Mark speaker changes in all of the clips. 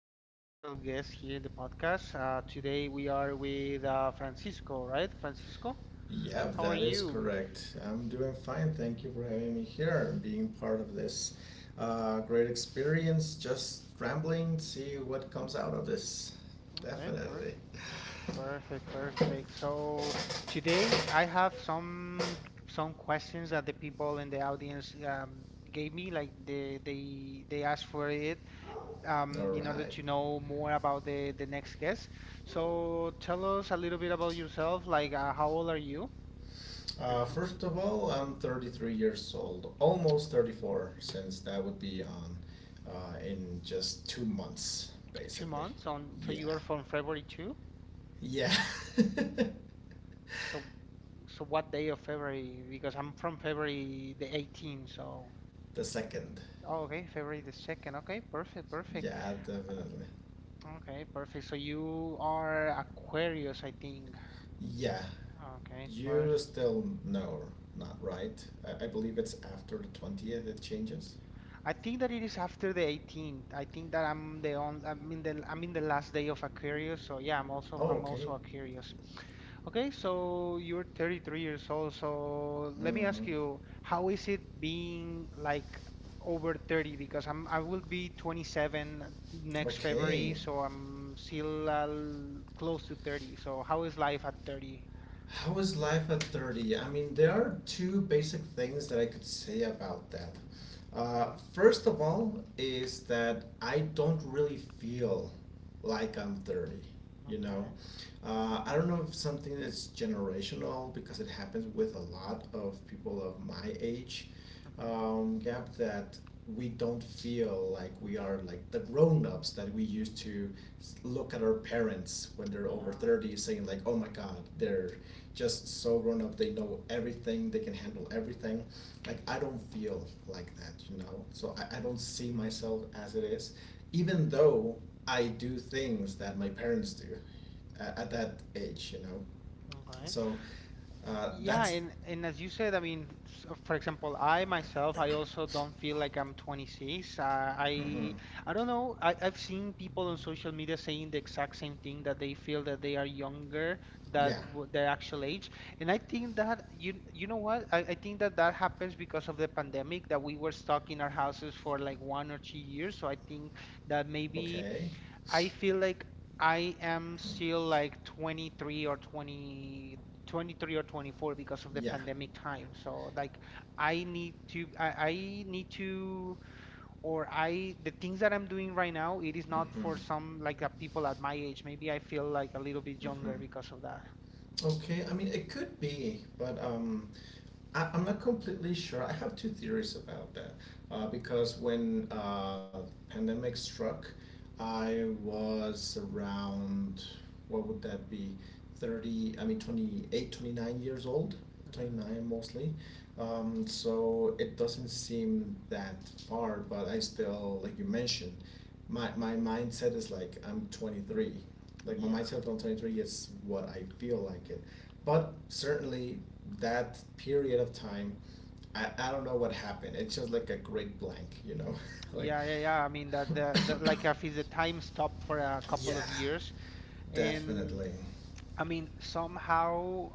Speaker 1: a very special guest here in the podcast. Today we are with Francisco, right? Francisco,
Speaker 2: Yep,
Speaker 1: how are
Speaker 2: that is
Speaker 1: you?
Speaker 2: correct. I'm doing fine. Thank you for having me here and being part of this great experience. Just rambling, see what comes out of this.
Speaker 1: Okay, per
Speaker 2: Definitely.
Speaker 1: perfect, perfect. So today I have some questions that the people in the audience gave me, like they asked for it
Speaker 2: All
Speaker 1: in order
Speaker 2: right.
Speaker 1: to know more about the next guest. So tell us a little bit about yourself, like how old are you, for
Speaker 2: Uh,
Speaker 1: example?
Speaker 2: first of all, I'm 33 years old, almost 34, since that would be on in just 2 months,
Speaker 1: Two
Speaker 2: basically.
Speaker 1: months on, so you are
Speaker 2: Yeah.
Speaker 1: from February too?
Speaker 2: Yeah.
Speaker 1: So, so what day of February? Because I'm from February the 18th, so.
Speaker 2: The second.
Speaker 1: Oh, okay, February the 2nd. Okay, perfect, perfect.
Speaker 2: Yeah, definitely.
Speaker 1: Okay, perfect. So you are Aquarius, I think.
Speaker 2: Yeah,
Speaker 1: Okay, perfect.
Speaker 2: you still know, not right. I believe it's after the 20th it changes.
Speaker 1: I think that it is after the 18th. I think that I'm the on, I'm in the last day of Aquarius, so yeah,
Speaker 2: Oh,
Speaker 1: I'm also
Speaker 2: okay.
Speaker 1: Aquarius. Okay, so you're 33 years old, so let me
Speaker 2: Mm-hmm.
Speaker 1: ask you, how is it being like over 30? Because I will be 27 next
Speaker 2: Okay.
Speaker 1: February, so I'm still close to 30. So how is life at 30?
Speaker 2: How is life at 30? I mean, there are two basic things that I could say about that. Uh,
Speaker 1: Mm-hmm.
Speaker 2: first of all, is that I don't really feel like I'm 30. You know,
Speaker 1: Okay.
Speaker 2: I don't know if something is generational because it happens with a lot of people of my age
Speaker 1: Mm-hmm.
Speaker 2: gap that we don't feel like we are like the grown-ups that we used to look at our parents when they're over
Speaker 1: Yeah.
Speaker 2: 30, saying like, oh my god, they're just so grown up, they know everything, they can handle everything. Like, I don't feel like that, you know. So I don't see myself as it is, even though I do things that my parents do at that age, you know.
Speaker 1: Okay.
Speaker 2: So uh,
Speaker 1: Yeah,
Speaker 2: that's,
Speaker 1: and as you said, I mean, for example, I myself, I also don't feel like I'm 26.
Speaker 2: hmm.
Speaker 1: I I don't know. I've seen people on social media saying the exact same thing, that they feel that they are younger than
Speaker 2: Yeah,
Speaker 1: their actual age, and I think that you know what? I think that that happens because of the pandemic, that we were stuck in our houses for like 1 or 2 years. So I think that maybe.
Speaker 2: okay.
Speaker 1: I feel like I am
Speaker 2: Mhm.
Speaker 1: still like 23 or 24 because of the
Speaker 2: Yeah.
Speaker 1: pandemic time. So like I need to I need to, or I the things that I'm doing right now, it is not
Speaker 2: Hmm,
Speaker 1: for some like people at my age. Maybe I feel like a little bit
Speaker 2: hmm.
Speaker 1: younger because of that.
Speaker 2: Okay, I mean, it could be, but I'm not completely sure. I have two theories about that. Because when pandemic struck, I was around, what would that be, 30, I mean, 28, 29 years old,
Speaker 1: hmm
Speaker 2: 29 mostly. So it doesn't seem that far, but I still, like you mentioned, my mindset is like I'm 23. Like my
Speaker 1: Yeah.
Speaker 2: mindset on 23 is what I feel like it. But certainly that period of time, I don't know what happened. It's just like a great blank, you know, like
Speaker 1: Yeah, yeah, yeah. I mean that the like if it's a time stop for a couple
Speaker 2: yeah,
Speaker 1: of years. And
Speaker 2: definitely.
Speaker 1: I mean somehow,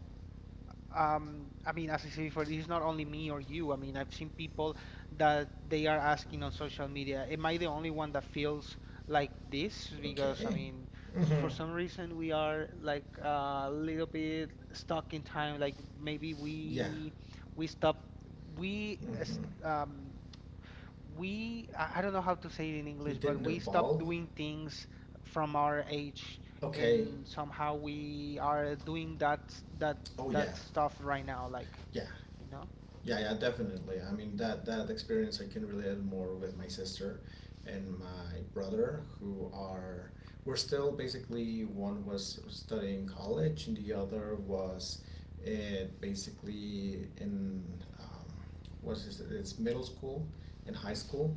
Speaker 1: I mean, as I said before, it's not only me or you. I mean, I've seen people that they are asking on social media, am I the only one that feels like this? Because, I
Speaker 2: Okay.
Speaker 1: mean, for
Speaker 2: Mhm.
Speaker 1: some reason we are like a little bit stuck in time. Like maybe
Speaker 2: Yeah.
Speaker 1: we stop we s-
Speaker 2: Mhm.
Speaker 1: we I don't know how to say it in
Speaker 2: We
Speaker 1: English, but
Speaker 2: didn't
Speaker 1: we stop
Speaker 2: evolve.
Speaker 1: doing things from our age,
Speaker 2: Okay.
Speaker 1: and somehow we are doing that that
Speaker 2: Oh yeah.
Speaker 1: that stuff right now, like,
Speaker 2: Yeah.
Speaker 1: you know?
Speaker 2: Yeah, yeah, definitely. I mean that experience I can relate more with my sister and my brother who are we're still basically, one was studying college and the other
Speaker 1: hmm
Speaker 2: was, it basically in, um, what is it? It's middle school and high
Speaker 1: hmm
Speaker 2: school,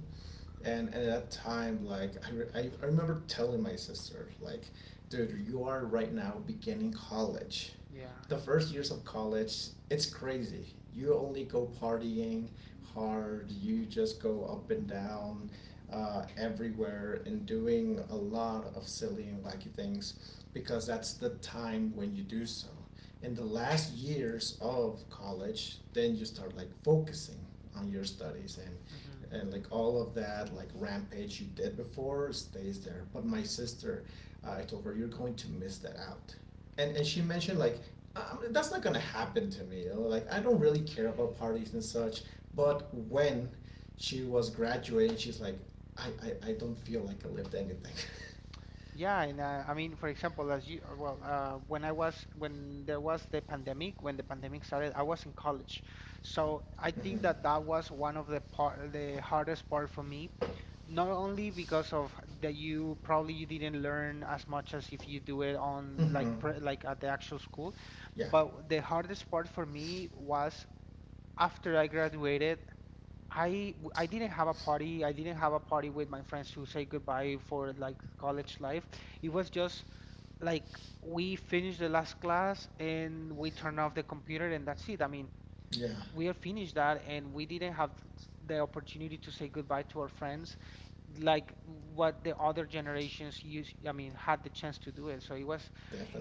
Speaker 2: and at that time, like I remember telling my sister, like, dude, you are right now beginning college,
Speaker 1: Yeah.
Speaker 2: the first years of college. It's crazy. You only go partying hard, you just go up and down, everywhere, and doing a lot of silly and wacky things, because that's the time when you do so. In the last years of college, then you start like focusing on your studies, and
Speaker 1: hmm
Speaker 2: and like all of that, like, rampage you did before stays there. But my sister, I told her, you're going to miss that out. And she mentioned, like, that's not gonna happen to me, you know? Like, I don't really care about parties and such. But when she was graduating, she's like, I don't feel like I lived anything.
Speaker 1: Yeah, and I mean, for example, as when I was when there was the pandemic, when the pandemic started, I was in college. So I
Speaker 2: Mm-hmm.
Speaker 1: think that that was one of the part the hardest part for me. Not only because of that you probably you didn't learn as much as if you do it on like
Speaker 2: Mm-hmm.
Speaker 1: like at the actual school,
Speaker 2: Yeah,
Speaker 1: but the hardest part for me was after I graduated. I didn't have a party. I didn't have a party with my friends to say goodbye for like college life. It was just like we finished the last class and we turn off the computer, and that's it. I mean,
Speaker 2: yeah,
Speaker 1: we are finished that and we didn't have the opportunity to say goodbye to our friends like what the other generations used, I mean, had the chance to do it. So it was,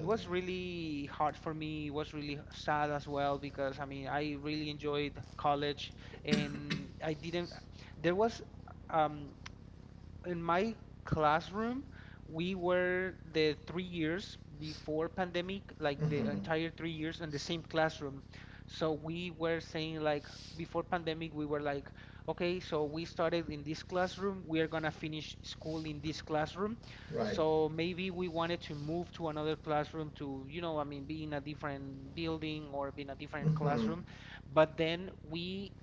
Speaker 1: it was really hard for me. It was really sad as well because I mean, I really enjoyed college, and I didn't there was um in my classroom, we were the 3 years before pandemic, like the
Speaker 2: Mm-hmm.
Speaker 1: entire 3 years in the same classroom. So we were saying like before pandemic, we were like, okay, so we started in this classroom, we are gonna finish school in this classroom.
Speaker 2: Right.
Speaker 1: So maybe we wanted to move to another classroom to, you know, I mean, be in a different building or be in a different
Speaker 2: Mm-hmm.
Speaker 1: classroom. But then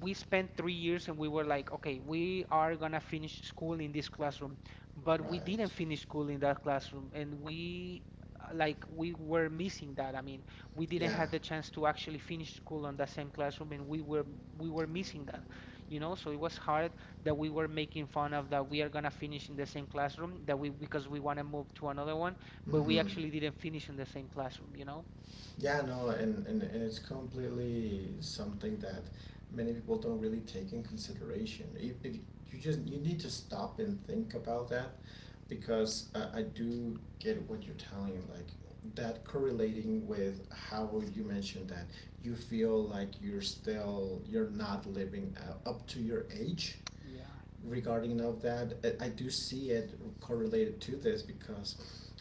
Speaker 1: we spent 3 years and we were like, okay, we are gonna finish school in this classroom, but we didn't
Speaker 2: Right.
Speaker 1: finish school in that classroom, and we like we were missing that. I mean, we didn't
Speaker 2: Yeah.
Speaker 1: have the chance to actually finish school on that same classroom, and we were missing that, you know. So it was hard that we were making fun of that we are gonna finish in the same classroom, that we because we wanna move to another one, but we actually
Speaker 2: Mm-hmm.
Speaker 1: didn't finish in the same classroom, you know.
Speaker 2: Yeah, no, and it's completely something that many people don't really take in consideration. If you need to stop and think about that, because I do get what you're telling, like, that correlating with how you mentioned that you feel like you're not living up to your age,
Speaker 1: Yeah.
Speaker 2: regarding of that. Do see it correlated to this, because,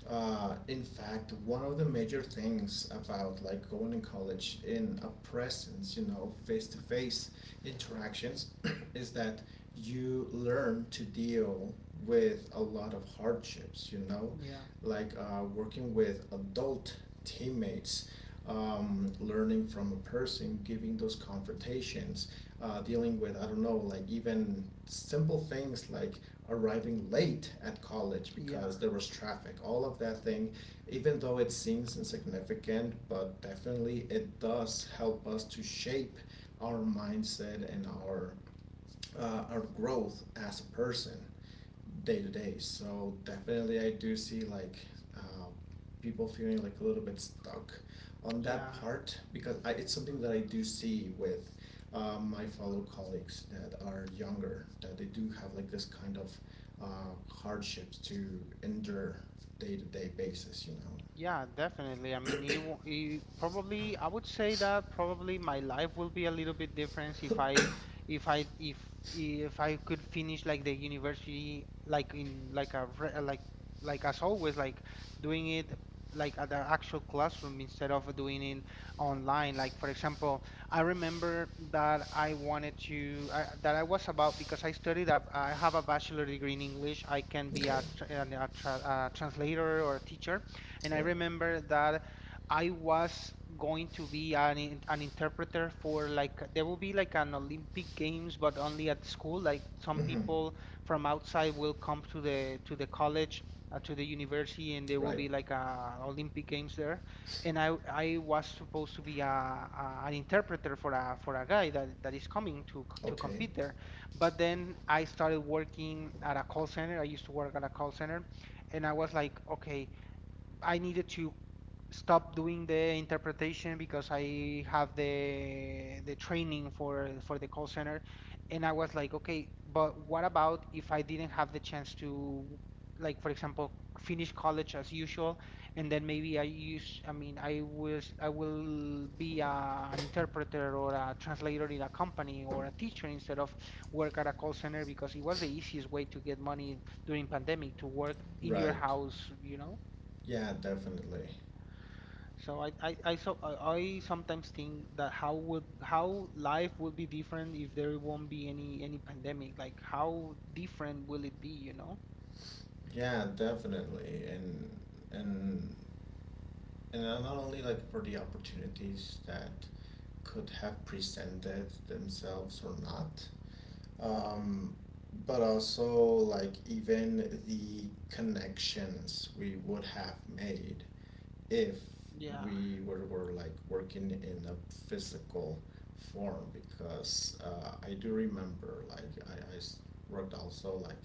Speaker 2: in fact, one of the major things about, like, going in college in a presence, you know, face to
Speaker 1: Mhm.
Speaker 2: face interactions, is that you learn to deal with a lot of hardships. You know,
Speaker 1: Yeah.
Speaker 2: like working with adult teammates. Learning from a person, giving those confrontations, dealing with, I don't know, like even simple things like arriving late at college
Speaker 1: Yeah.
Speaker 2: because there was traffic, all of that thing, even though it seems insignificant, but definitely it does help us to shape our mindset and our growth as a person day to day. So definitely, I do see like uh, people feeling like a little bit stuck on that
Speaker 1: Yeah.
Speaker 2: part, because it's something that I do see with my fellow colleagues that are younger, that they do have like this kind of hardships to endure day to day basis. You know.
Speaker 1: Yeah, definitely. I mean, you probably I would say that probably my life will be a little bit different if I if I if I could finish like the university like in like a re- like as always like doing it like at the actual classroom instead of doing it online. Like for example, I remember that I wanted to I, that I was about, because I studied I have a bachelor degree in English. I can be
Speaker 2: Okay.
Speaker 1: a, tr- an- a, tra a translator or a teacher. And I
Speaker 2: Right.
Speaker 1: remember that I was going to be an an interpreter for like there will be like an Olympic Games, but only at school. Like some
Speaker 2: Mm-hmm.
Speaker 1: people from outside will come to the college, to the university, and there will
Speaker 2: Right.
Speaker 1: be like a Olympic Games there. And I was supposed to be a an interpreter for a guy that that is coming to to
Speaker 2: Okay.
Speaker 1: compete there. But then I started working at a call center. I used to work at a call center, and I was like, okay. I needed to stop doing the interpretation because I have the training for the call center, and I was like, okay, but what about if I didn't have the chance to, like for example, finish college as usual, and then maybe I mean, I will be an interpreter or a translator in a company, or a teacher instead of work at a call center, because it was the easiest way to get money during pandemic to work in your
Speaker 2: Right.
Speaker 1: house, you know?
Speaker 2: Yeah, definitely.
Speaker 1: So I sometimes think that how life would be different if there won't be any pandemic. Like how different will it be, you know?
Speaker 2: Yeah, definitely. And and not only like for the opportunities that could have presented themselves or not, um, but also like even the connections we would have made if
Speaker 1: Yeah.
Speaker 2: we were like working in a physical form, because I do remember like I worked also like,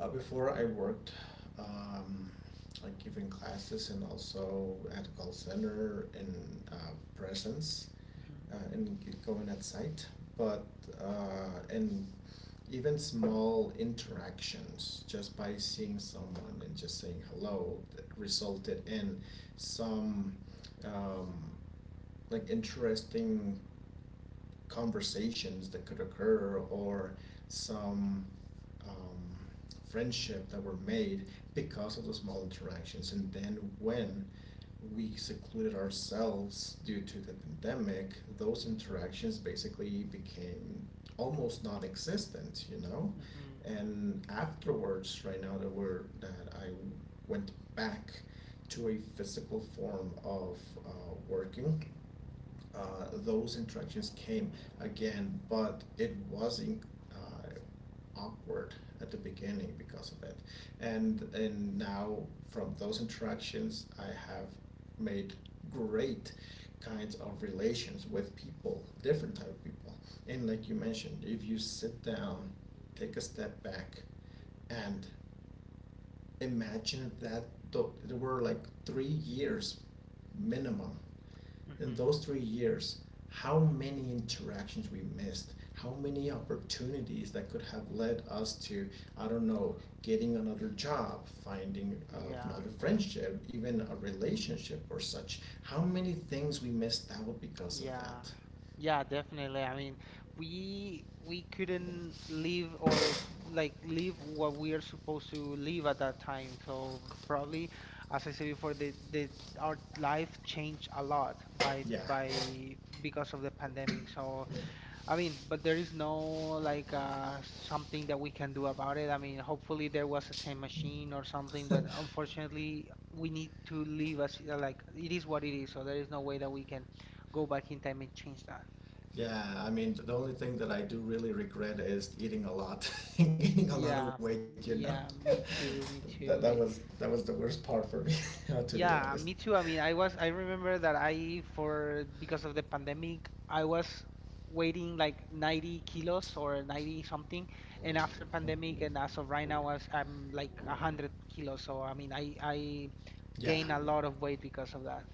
Speaker 2: before I worked, um, like giving classes and also at call center in presence,
Speaker 1: Mm-hmm.
Speaker 2: and going at site, but and even small interactions just by seeing someone and just saying hello that resulted in some, um, like, interesting conversations that could occur, or some, um, friendship that were made because of those small interactions. And then when we secluded ourselves due to the pandemic, those interactions basically became almost non-existent, you know?
Speaker 1: Mm-hmm.
Speaker 2: And afterwards, right now that we're that I went back to a physical form of, uh, working, those interactions came again, but it was awkward at the beginning because of it. And now from those interactions, I have made great kinds of relations with people, different type of people. And like you mentioned, if you sit down, take a step back, and imagine that there were like 3 years minimum. In
Speaker 1: Mm-hmm.
Speaker 2: those 3 years, how many interactions we missed, how many opportunities that could have led us to, I don't know, getting another job, finding
Speaker 1: Yeah.
Speaker 2: another friendship, even a relationship or such. How many things we missed out because of
Speaker 1: Yeah.
Speaker 2: that?
Speaker 1: Yeah, definitely. I mean, we couldn't live, or like live what we are supposed to live at that time. So probably, as I said before, the our life changed a lot
Speaker 2: Yeah.
Speaker 1: by because of the pandemic. So I mean, but there is no like something that we can do about it. I mean, hopefully there was a time machine or something, but unfortunately we need to leave us like it is what it is. So there is no way that we can go back in time and change that.
Speaker 2: Yeah, I mean, the only thing that I do really regret is eating a lot, gaining a lot of
Speaker 1: Yeah,
Speaker 2: weight. You know,
Speaker 1: yeah, me too, me
Speaker 2: that that
Speaker 1: too.
Speaker 2: was
Speaker 1: I.
Speaker 2: that was the worst part for me, to be honest.
Speaker 1: Yeah, me too. I mean, I remember that because of the pandemic, I was weighing like 90 kilos or 90 something. And after pandemic and as of right now, I'm like 100 kilos. So, I mean, I
Speaker 2: Yeah,
Speaker 1: gain a lot of weight because of that.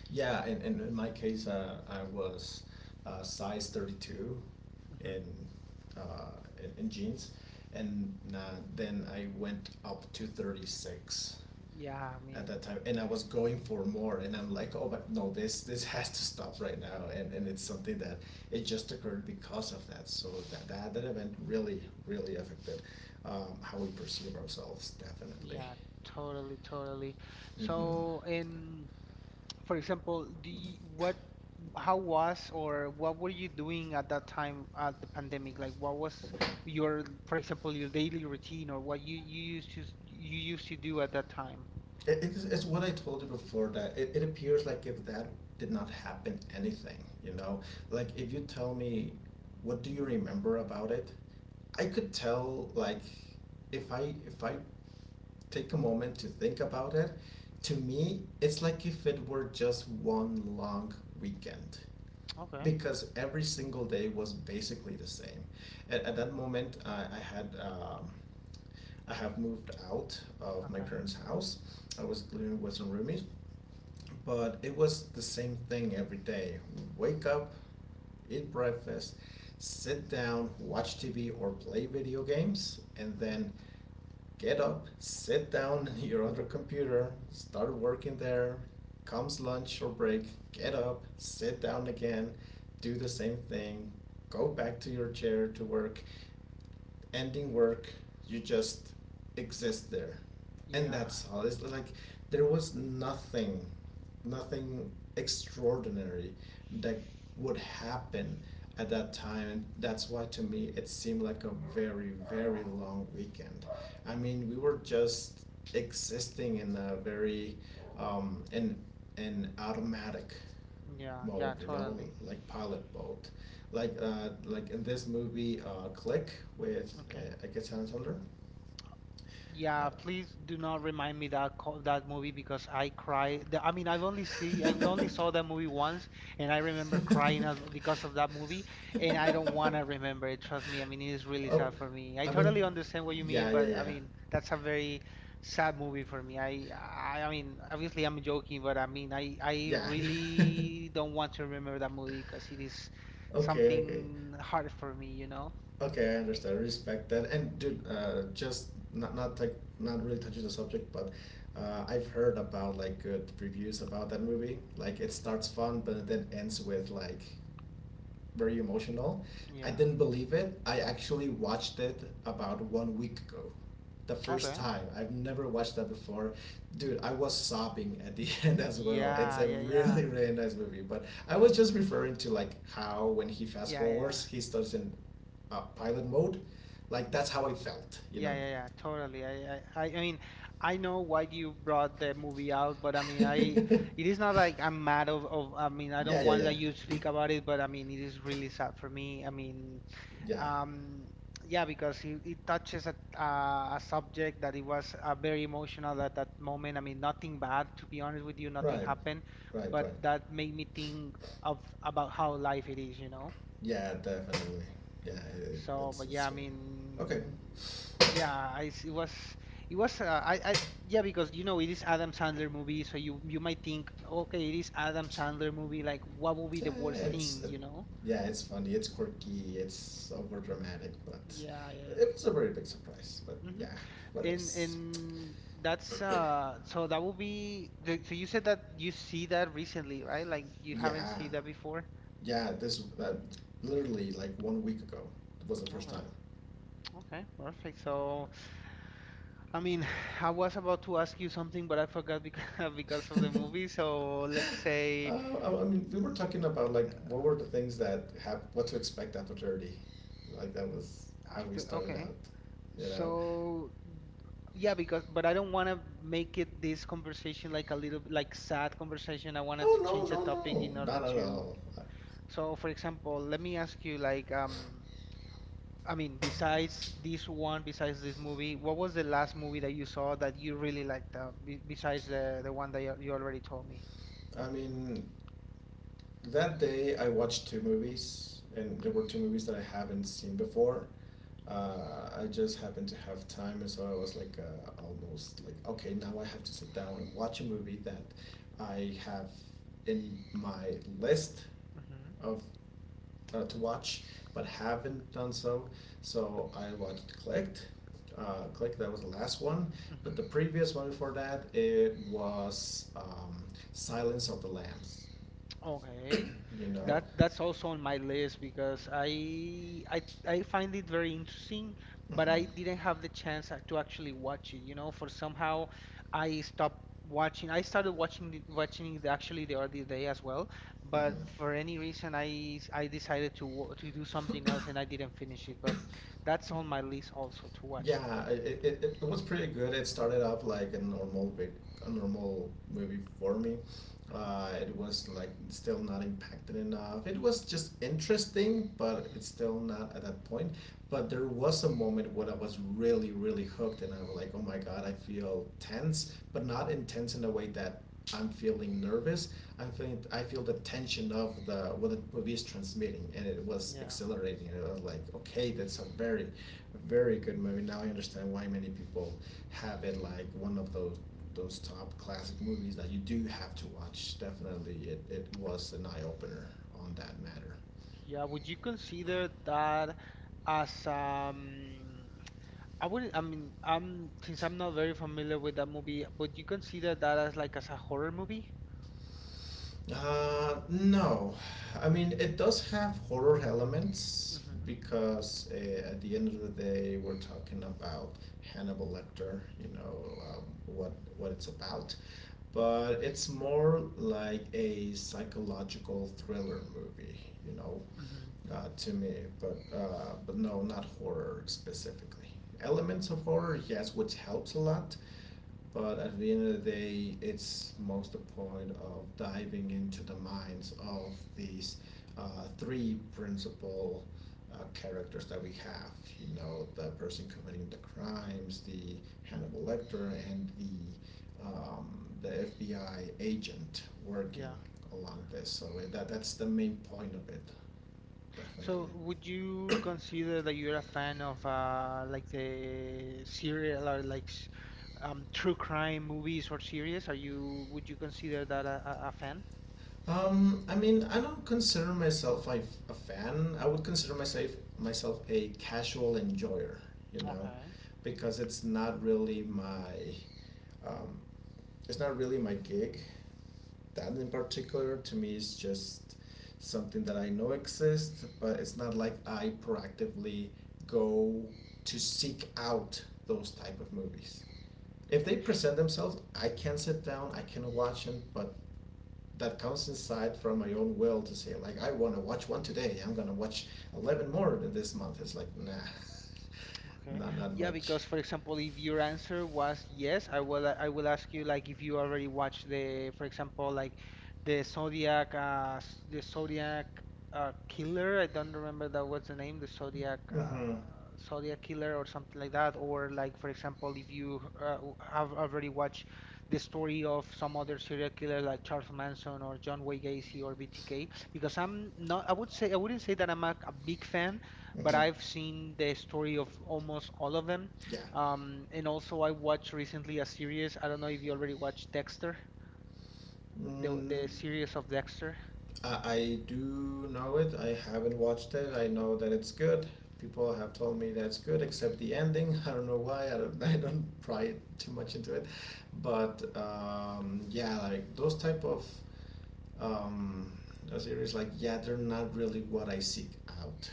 Speaker 2: yeah. In my case, I was size 32, in,
Speaker 1: hmm
Speaker 2: uh, in jeans, and then I went up to 36
Speaker 1: Yeah, I
Speaker 2: at
Speaker 1: mean,
Speaker 2: that time, and I was going for more, and I'm like, oh, but no, this has to stop right now. And it's something that it just occurred because of that, so that event really really affected, how we perceive ourselves, definitely.
Speaker 1: yeah, totally, totally.
Speaker 2: Hmm.
Speaker 1: So, and for example, do how was or what were you doing at that time at the pandemic? Like, what was for example, your daily routine, or what you used to you used to do at that time?
Speaker 2: It's what I told you before, that it appears like if that did not happen anything, you know, like if you tell me, what do you remember about it, I could tell, like, if I take a moment to think about it, to
Speaker 1: hmm
Speaker 2: me, it's like if it were just one long weekend,
Speaker 1: Okay.
Speaker 2: because every single day was basically the same. At that moment, I have moved out of my
Speaker 1: Okay.
Speaker 2: parents' house. I was living with some roomies, but it was the same thing every day. Wake up, eat breakfast, sit down, watch TV or play video games, and
Speaker 1: hmm
Speaker 2: then get up, sit down at your other computer, start working there. Comes lunch or break, get up, sit down again, do the same thing, go back to your chair to work, ending work, you just exist there, and
Speaker 1: Yeah.
Speaker 2: that's all. It's like there was nothing, nothing extraordinary that would happen at that time, and that's why to me it seemed like a very very long weekend. I mean, we were just existing in a very in an automatic
Speaker 1: Yeah.
Speaker 2: mode,
Speaker 1: Yeah.
Speaker 2: you know,
Speaker 1: Totally.
Speaker 2: like pilot mode, like like in this movie, Click, with
Speaker 1: Okay.
Speaker 2: Ike Santler. Uh,
Speaker 1: Yeah, please do not remind me that that movie because I cry. I mean, I've only saw that movie once, and I remember crying out because of that movie, and I don't want to remember it. Trust me. I mean, it is really
Speaker 2: oh,
Speaker 1: sad for me. I
Speaker 2: I
Speaker 1: totally
Speaker 2: mean,
Speaker 1: understand what you mean,
Speaker 2: yeah, yeah,
Speaker 1: but I
Speaker 2: yeah,
Speaker 1: mean, that's a very sad movie for me. I mean, obviously I'm joking, but I mean, I
Speaker 2: yeah.
Speaker 1: really don't want to remember that movie because it is
Speaker 2: Okay, okay.
Speaker 1: something hard for me, you know?
Speaker 2: Okay, I understand. Respect that. And dude, just not like, not really touching the subject, but I've heard about like good reviews about that movie. Like, it starts fun, but it then ends with, like, very emotional. I
Speaker 1: Yeah.
Speaker 2: didn't believe it. I actually watched it about one week ago. The first
Speaker 1: Okay.
Speaker 2: time. I've never watched that before. Dude, I was sobbing at the end as well. It's
Speaker 1: Yeah,
Speaker 2: a
Speaker 1: yeah, yeah.
Speaker 2: really, really nice movie. But I was just referring to, like, how when he fast
Speaker 1: Yeah, yeah.
Speaker 2: forwards, he starts in pilot mode. Like, that's how I felt, you
Speaker 1: Yeah,
Speaker 2: know.
Speaker 1: yeah, yeah, totally. I mean, I know why you brought the movie out, but I mean, I,
Speaker 2: Yeah,
Speaker 1: it is not like I'm mad of, I mean, I
Speaker 2: yeah,
Speaker 1: don't want
Speaker 2: yeah.
Speaker 1: that you speak about it, but I mean, it is really sad for me. I mean,
Speaker 2: Yeah.
Speaker 1: um, yeah, because it touches a subject that it was very emotional at that moment. I mean, nothing bad, to be honest with you, nothing
Speaker 2: Right.
Speaker 1: happened,
Speaker 2: Right, right.
Speaker 1: but that made me think of about how life it is, you know?
Speaker 2: Yeah, definitely. Yeah, it,
Speaker 1: So,
Speaker 2: it's
Speaker 1: but yeah,
Speaker 2: it's
Speaker 1: I
Speaker 2: weird.
Speaker 1: mean,
Speaker 2: Okay.
Speaker 1: yeah, I, s- it was, yeah, because you know it is Adam Sandler movie, so you might think, okay, it is Adam Sandler movie, like what would be
Speaker 2: Yeah,
Speaker 1: the worst thing, you know?
Speaker 2: yeah, it's funny. It's quirky. It's over dramatic, but
Speaker 1: Yeah, yeah.
Speaker 2: it was a very big surprise. But
Speaker 1: Hmm.
Speaker 2: yeah, what
Speaker 1: And
Speaker 2: ifs?
Speaker 1: that's so that will be the, so you said that you see that recently, right? Like you haven't
Speaker 2: Yeah,
Speaker 1: seen that before.
Speaker 2: yeah. This literally like one week ago was the first
Speaker 1: Okay,
Speaker 2: time.
Speaker 1: okay, perfect. So, I mean, I was about to ask you something, but I forgot because because of the movie. So let's say
Speaker 2: I mean, we were talking about like what were the things that have what to expect after 30, like that was how we
Speaker 1: after.
Speaker 2: started
Speaker 1: Okay.
Speaker 2: out, you know.
Speaker 1: So yeah, because but I don't want to make it this conversation like a little like sad conversation. I wanted to
Speaker 2: Oh no
Speaker 1: change the
Speaker 2: no
Speaker 1: topic
Speaker 2: no!
Speaker 1: in order
Speaker 2: Not at
Speaker 1: to.
Speaker 2: all.
Speaker 1: So for example, let me ask you like, um, I mean, besides this one, besides this movie, what was the last movie that you saw that you really liked, be besides the one that you already told me?
Speaker 2: I mean, that day I watched two movies, and there
Speaker 1: Okay.
Speaker 2: were two movies that I haven't seen before. I just happened to have time, and so I was like, almost like, okay, now I have to sit down and watch a movie that I have in my list of to watch, but haven't done so. So I watched Clicked. Click, that was the last one, but the
Speaker 1: Mm-hmm.
Speaker 2: previous one before that it was Silence of the Lambs.
Speaker 1: Okay.
Speaker 2: You know.
Speaker 1: That's also on my list because I find it very interesting, but
Speaker 2: Mm-hmm.
Speaker 1: I didn't have the chance a- to actually watch it, you know, for somehow I stopped watching. I started watching the, watching it actually the other day as well, but for any reason I s- I decided to wa- to do something else and I didn't finish it,
Speaker 2: Mm-hmm.
Speaker 1: but that's on my list also to watch it.
Speaker 2: Yeah, it was pretty good. It started off like a normal bit, a normal movie for me.
Speaker 1: Hmm.
Speaker 2: It was like still not impacted enough. It was just interesting, but it's
Speaker 1: Hmm.
Speaker 2: still not at that point. But there was a moment when I was really, really hooked, and I was like, oh my god, I feel tense, but not intense in a way that I'm feeling nervous. I'm feeling I feel the tension of the what the movie is transmitting, and it was
Speaker 1: Yeah.
Speaker 2: exhilarating. And I was like, okay, that's a very very good movie. Now I understand why many people have it like one of those top classic movies that you do have to watch. Definitely, it was an eye opener on that matter.
Speaker 1: Yeah, would you consider that as, um, I wouldn't, I mean, I'm since I'm not very familiar with that movie, would you consider that as like as a horror movie?
Speaker 2: No, I mean it does have horror elements
Speaker 1: Mm-hmm.
Speaker 2: because at the end of the day we're talking about Hannibal Lecter. You know, what it's about, but it's more like a psychological thriller movie. You know,
Speaker 1: Mm-hmm.
Speaker 2: to me, but no, not horror specifically. Elements of horror, yes, which helps a lot, but at the end of the day, it's most the point of diving into the minds of these three principal characters that we have. You know, the person committing the crimes, the Hannibal Lecter, and the FBI agent working
Speaker 1: Yeah.
Speaker 2: along this. So that's the main point of it, definitely.
Speaker 1: So would you consider that you're a fan of like the serial or like s- true crime movies or series? Are you would you consider that a fan?
Speaker 2: I mean, I don't consider myself like a fan. I would consider myself a casual enjoyer, you know,
Speaker 1: Okay.
Speaker 2: because it's not really my, um, it's not really my gig. That in particular, to me, is just something that I know exists, but it's not like I proactively go to seek out those type of movies. If they
Speaker 1: Okay.
Speaker 2: present themselves, I can sit down, I can watch them, but that comes inside from my own will to say like I want to watch one today. I'm gonna watch 11 more than this month. It's like nah,
Speaker 1: Okay.
Speaker 2: not not
Speaker 1: Yeah,
Speaker 2: much.
Speaker 1: because for example, if your answer was yes, I will ask you like if you already watched the, for example, like the Zodiac s- the Zodiac killer. I don't remember that was the name, the Zodiac
Speaker 2: Mhm.
Speaker 1: Zodiac killer or something like that. Or like for example, if you w- have already watched the story of some other serial killer like Charles Manson or John Wayne Gacy or BTK, because I'm not I would say I wouldn't say that I'm a big fan but
Speaker 2: Mhm.
Speaker 1: I've seen the story of almost all of them.
Speaker 2: Yeah.
Speaker 1: And also, I watched recently a series. I don't know if you already watched Dexter, the
Speaker 2: Mm,
Speaker 1: series of Dexter.
Speaker 2: I do know it. I haven't watched it. I know that it's good. People have told me that's good, except the ending. I don't know why. I don't. I don't pry too much into it, but yeah, like those type of um, a series, like yeah they're not really what I seek out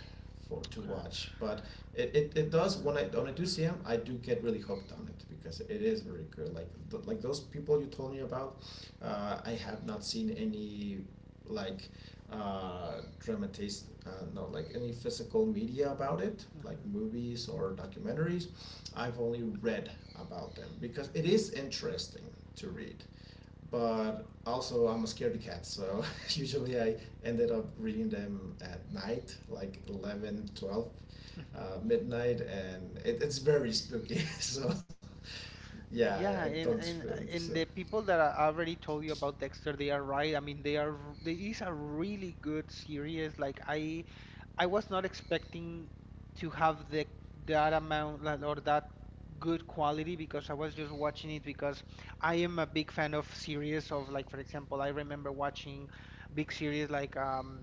Speaker 2: for to
Speaker 1: Okay.
Speaker 2: watch but it does, when I do see them I do get really hooked on it because it is very good, like like those people you told me about, I have not seen any like dramatize no, like any physical media about it like
Speaker 1: Hmm.
Speaker 2: movies or documentaries. I've only read about them because it is interesting to read, but also I'm a scaredy cat, so usually I ended up reading them at night, like 11, 12,
Speaker 1: Hmm.
Speaker 2: midnight, and it's very spooky. So, yeah, I, I
Speaker 1: Yeah, and
Speaker 2: don't really.
Speaker 1: and
Speaker 2: do So.
Speaker 1: and the people that I already told you about Dexter, they are right. I mean, they are. R- They is a really good series. Like I was not expecting to have the that amount like, or that good quality because I was just watching it because I am a big fan of series of like for example I remember watching big series like,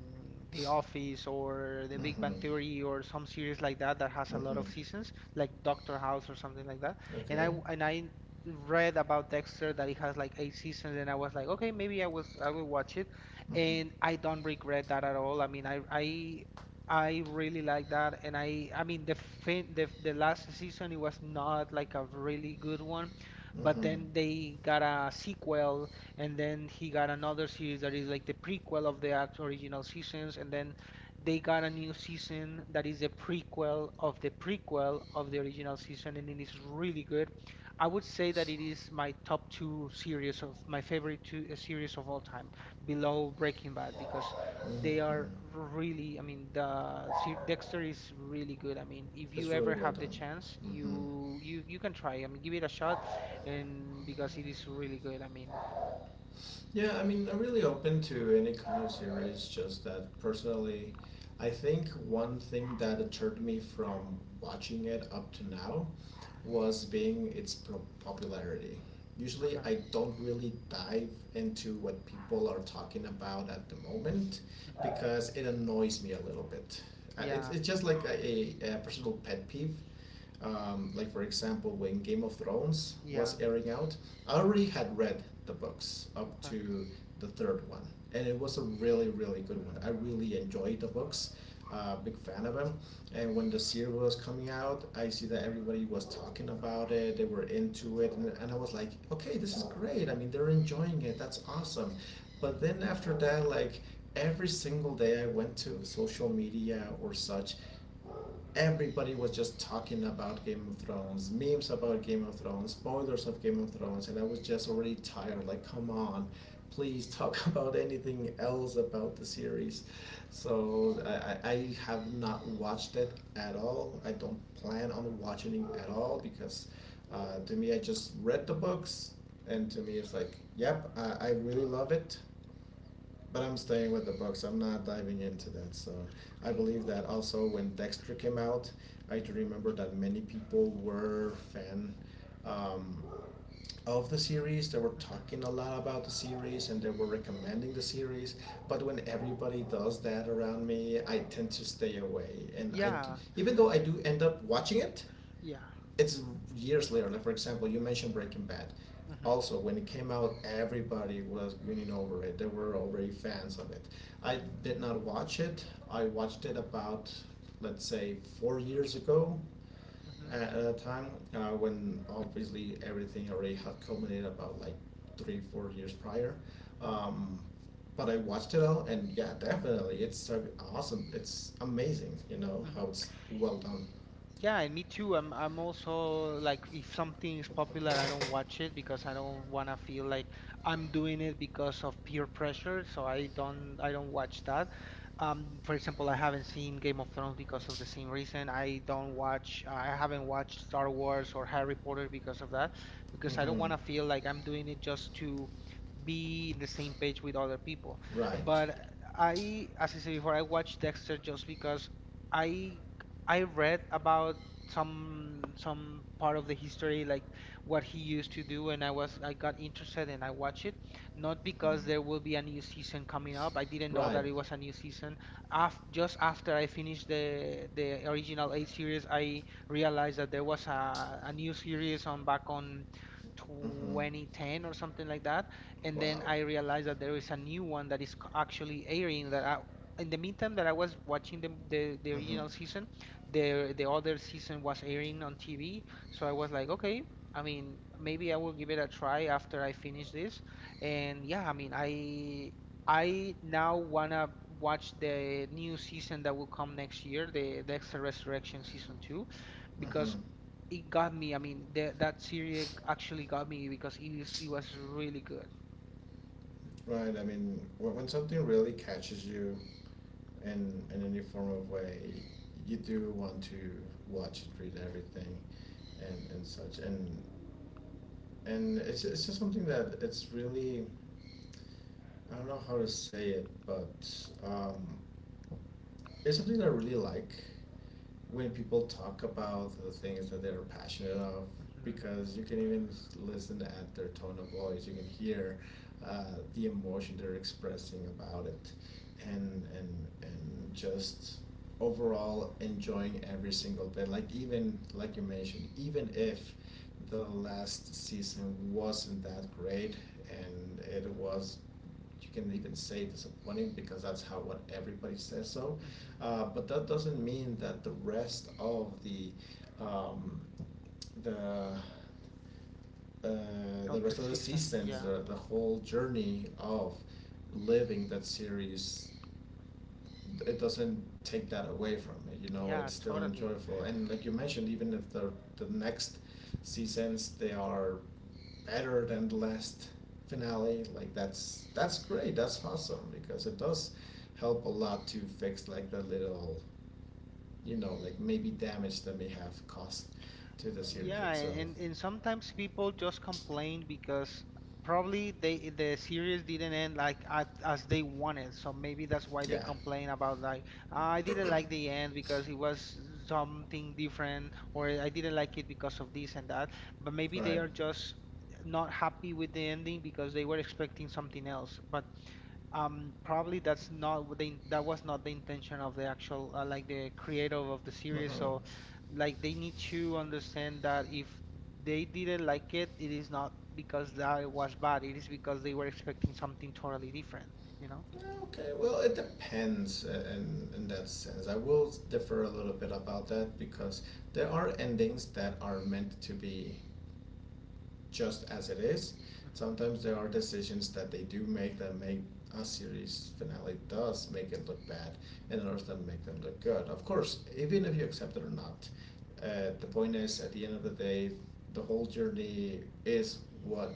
Speaker 1: The Office or The Big Bang
Speaker 2: Mm-hmm.
Speaker 1: Theory or some series like that that has a lot
Speaker 2: Mm-hmm.
Speaker 1: of seasons like Doctor House or something like that and
Speaker 2: Okay.
Speaker 1: I read about Dexter that it has like 8 seasons and I was like okay maybe I was I will watch it and I
Speaker 2: Mm-hmm.
Speaker 1: don't regret that at all. I mean, I really like that, and I mean the fin the last season it was not like a really good one, but
Speaker 2: Mm-hmm.
Speaker 1: then they got a sequel, and then he got another series that is like the prequel of the act original seasons, and then they got a new season that is a prequel of the original season, and it is really good. I would say that it is my top two series of my favorite two, series of all time, below Breaking Bad, because they
Speaker 2: Mm-hmm.
Speaker 1: are really, I mean, the Sir Dexter is really good. I mean, if
Speaker 2: It's
Speaker 1: you
Speaker 2: really
Speaker 1: ever
Speaker 2: well
Speaker 1: have the
Speaker 2: done.
Speaker 1: chance,
Speaker 2: Mm-hmm.
Speaker 1: you can try. I mean, give it a shot, and because it is really good. I mean,
Speaker 2: Yeah, I mean, I'm really open to any kind of series, just that personally, I think one thing that deterred me from watching it up to now
Speaker 1: hmm,
Speaker 2: was being its popularity. Usually,
Speaker 1: okay,
Speaker 2: I don't really dive into what people are talking about at the moment
Speaker 1: hmm,
Speaker 2: because it annoys me a little bit.
Speaker 1: yeah,
Speaker 2: It's just like a personal pet peeve, like for example, when Game of Thrones
Speaker 1: yeah,
Speaker 2: was airing out, I already had read the books up
Speaker 1: okay,
Speaker 2: to the third one, and it was a really really good one. I really enjoyed the books. Big fan of them. And when the series was coming out, I see that everybody was talking about it. They were into it, and, I was like, okay, this is great. I mean, they're enjoying it. That's awesome. But then after that, like every single day, I went to social media or such, everybody was just talking about Game of Thrones, memes about Game of Thrones, spoilers of Game of Thrones, and I was just already tired. Like, come on, please talk about anything else about the series. So I, I have not watched it at all. I don't plan on watching it at all because to me, I just read the books, and to me, it's like, yep, I really love it. But I'm staying with the books. I'm not diving into that. So I believe that also when Dexter came out, I do remember that many people were fan um, of the series. They were
Speaker 1: hmm,
Speaker 2: talking a lot about the series and they were recommending the series. But when everybody does that around me, I tend to stay away. And
Speaker 1: yeah,
Speaker 2: even though I do end up watching it,
Speaker 1: yeah,
Speaker 2: it's years later. Like for example, you mentioned Breaking Bad.
Speaker 1: hmm,
Speaker 2: Also, when it came out, everybody was grinning over it. There were already fans of it. I did not watch it. I watched it about, let's say, 4 years ago,
Speaker 1: hmm,
Speaker 2: at a time when obviously everything already had culminated about like three, 4 years prior.
Speaker 1: hmm,
Speaker 2: Um, but I watched it all, and yeah, definitely, it's so awesome. It's amazing, you know how
Speaker 1: hmm.
Speaker 2: it's well done.
Speaker 1: Yeah, and me too. I'm also like if something is popular, I don't watch it because I don't wanna feel like I'm doing it because of peer pressure, so I don't watch that. For example, I haven't seen Game of Thrones because of the same reason. I don't watch I haven't watched Star Wars or Harry Potter because of that, because I don't
Speaker 2: Hmm
Speaker 1: wanna feel like I'm doing it just to be in the same page with other people.
Speaker 2: Right.
Speaker 1: But I, as I said before, I watched Dexter just because. I I read about some part of the history, like what he used to do, and I was I got interested and I watched it. Not
Speaker 2: Mhm.
Speaker 1: because there will be a new season coming up. I didn't know
Speaker 2: Right.
Speaker 1: that it was a new season. Af just after I finished the original eight series, I realized that there was a new series on back on
Speaker 2: Mhm.
Speaker 1: 2010 or something like that. And then
Speaker 2: Wow.
Speaker 1: I realized that there is a new one that is c- actually airing that I, in the meantime that I was watching the
Speaker 2: Mhm.
Speaker 1: original season the other season was airing on TV, so I was like, okay, I mean, maybe I will give it a try after I finish this. And yeah, I mean, I now wanna watch the new season that will come next year, the Dexter Resurrection season two,
Speaker 2: Mhm.
Speaker 1: because it got me. I mean, the, that series actually got me because it is, it was really good. Hmm.
Speaker 2: Right. I mean, when something really catches you in any form of way, you do want to watch it, read everything, and such. And it's just something that it's really I don't know how to say it, but um, it's something that I really like when people talk about the things that they're passionate of,
Speaker 1: Hmm.
Speaker 2: because you can even listen at their tone of voice, you can hear uh, the emotion they're expressing about it, and just overall enjoying every single bit, like even like you mentioned, even if the last season wasn't that great, and it was, you can even say disappointing because that's how what everybody says. So
Speaker 1: Hmm.
Speaker 2: but that doesn't mean that the rest of the um, the the
Speaker 1: Of the
Speaker 2: rest of the
Speaker 1: season,
Speaker 2: seasons,
Speaker 1: yeah,
Speaker 2: the whole journey of living that series, it doesn't take that away from it. You know,
Speaker 1: yeah,
Speaker 2: it's still
Speaker 1: totally.
Speaker 2: enjoyable. And like you mentioned, even if the the next seasons they are better than the last finale, like that's great. That's awesome because it does help a lot to fix like the little, you know, like maybe damage that may have caused to the series
Speaker 1: Yeah,
Speaker 2: itself.
Speaker 1: and sometimes people just complain because probably they the series didn't end like at, as they wanted. So maybe that's why they
Speaker 2: Yeah.
Speaker 1: complain about like, "Ah, I didn't like the end because it was something different, or I didn't like it because of this and that." But maybe they
Speaker 2: Right.
Speaker 1: are just not happy with the ending because they were expecting something else. But, probably that's not what the that was not the intention of the actual like the creative of the series.
Speaker 2: Mm-hmm.
Speaker 1: So like they need to understand that if they didn't like it is not because that it was bad. It is because they were expecting something totally different, you know?
Speaker 2: Okay, well, it depends in that sense. I will differ a little bit about that, because there are endings that are meant to be just as it is.
Speaker 1: Mm-hmm.
Speaker 2: Sometimes there are decisions that they do make that make a series finale does make it look bad, and others
Speaker 1: Mm-hmm.
Speaker 2: that make them look good. Of course, even if you accept it or not, the point is at the end of the day, the whole journey is what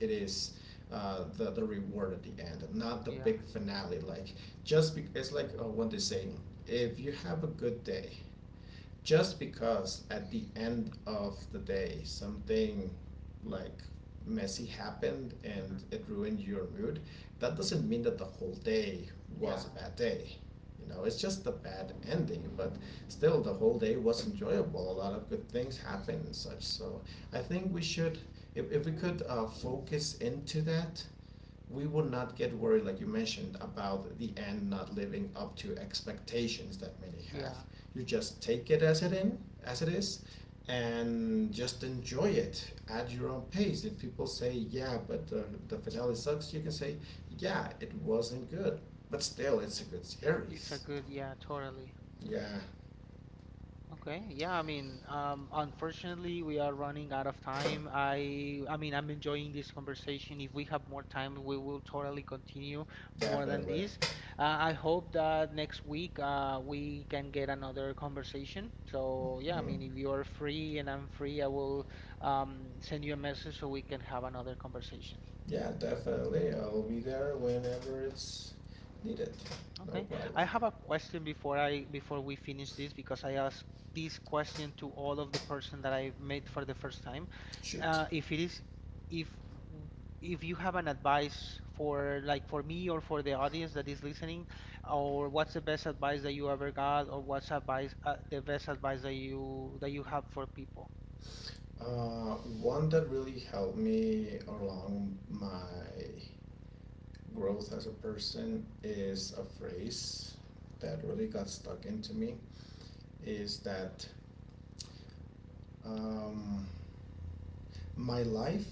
Speaker 2: it is. The reward at the end, not the
Speaker 1: Yeah.
Speaker 2: big finale. Like just it's like when they say, if you have a good day, just because at the end of the day something like messy happened and
Speaker 1: Mm-hmm.
Speaker 2: it ruined your mood, that doesn't mean that the whole day
Speaker 1: Yeah.
Speaker 2: was a bad day. You know, it's just a bad ending, but still the whole day was enjoyable. A lot of good things happened and such. So I think we should, if we could focus into that, we would not get worried, like you mentioned, about the end not living up to expectations that many have.
Speaker 1: Yeah.
Speaker 2: You just take it as it in, as it is, and just enjoy it at your own pace. If people say, "Yeah, but the finale sucks," you can say, "Yeah, it wasn't good, but still, it's a good
Speaker 1: It's a
Speaker 2: series."
Speaker 1: good, yeah, totally.
Speaker 2: Yeah,
Speaker 1: Okay, yeah, I mean, unfortunately, we are running out of time. I mean, I'm enjoying this conversation. If we have more time, we will totally continue more than
Speaker 2: definitely.
Speaker 1: this. I hope that next week, we can get another conversation. So, yeah, I
Speaker 2: Mhm.
Speaker 1: mean, if you are free and I'm free, I will, send you a message so we can have another conversation.
Speaker 2: Yeah, definitely. I'll be there whenever it's needed. No
Speaker 1: Okay.
Speaker 2: problem.
Speaker 1: I have a question before I before we finish this because I asked this question to all of the person that I met for the first time.
Speaker 2: Shoot.
Speaker 1: If it is if if you have an advice for like for me or for the audience that is listening, or what's the best advice that you ever got, or what's advice the best advice that you have for people?
Speaker 2: One that really helped me along my growth as a person is a phrase that really got stuck into me is that um, my life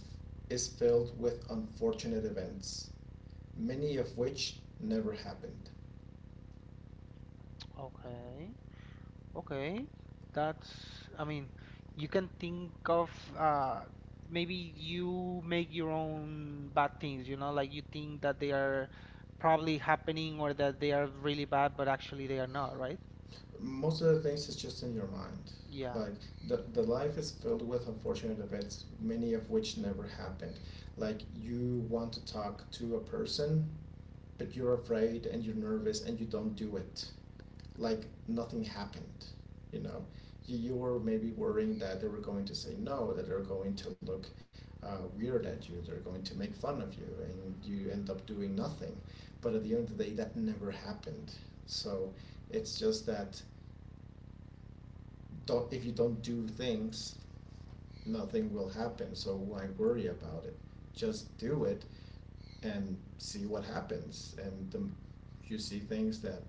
Speaker 2: is filled with unfortunate events, many of which never happened.
Speaker 1: Okay. Okay, that's, I mean, you can think of, uh, maybe you make your own bad things, you know, like you think that they are probably happening or that they are really bad, but actually they are not, right?
Speaker 2: Most of the things is just in your mind.
Speaker 1: Yeah.
Speaker 2: Like the life is filled with unfortunate events, many of which never happened. Like you want to talk to a person but you're afraid and you're nervous and you don't do it, like nothing happened, you know, you were maybe worrying that they were going to say no, that they're going to look weird at you, they're going to make fun of you and you end up doing nothing, but at the end of the day that never happened. So it's just that, don't, if you don't do things nothing will happen, so why worry about it, just do it and see what happens. And the, you see things that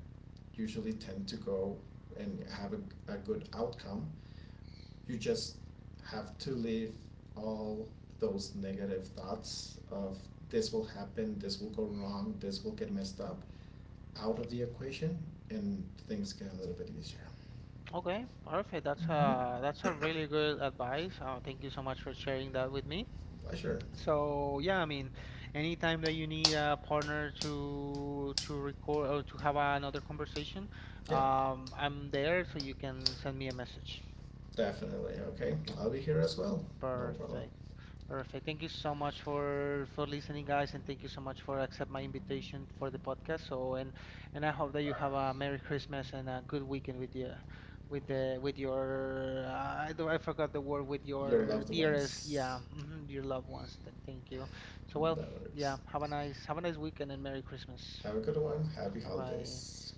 Speaker 2: usually tend to go and have a good outcome. You just have to leave all those negative thoughts of this will happen, this will go wrong, this will get messed up out of the equation, and things get a little bit easier.
Speaker 1: Okay, perfect.
Speaker 2: Mm-hmm.
Speaker 1: That's a really good advice. Thank you so much for sharing that with me.
Speaker 2: Pleasure.
Speaker 1: So yeah, I mean, anytime that you need a partner to record or to have another conversation,
Speaker 2: Yeah,
Speaker 1: I'm there, so you can send me a message.
Speaker 2: definitely. Okay,
Speaker 1: Okay,
Speaker 2: I'll be here as well. No problem.
Speaker 1: perfect. Perfect. Thank you so much for listening, guys, and thank you so much for accept my invitation for the podcast. So and I hope that you have a Merry Christmas and a good weekend with you, with the with your I do I forgot the word with
Speaker 2: Your
Speaker 1: your
Speaker 2: loved
Speaker 1: dearest
Speaker 2: ones.
Speaker 1: yeah mhm, your loved ones. Th thank you. So well
Speaker 2: No
Speaker 1: yeah
Speaker 2: worries.
Speaker 1: have a nice weekend and Merry Christmas.
Speaker 2: Have a good one. Happy
Speaker 1: Bye bye.
Speaker 2: holidays.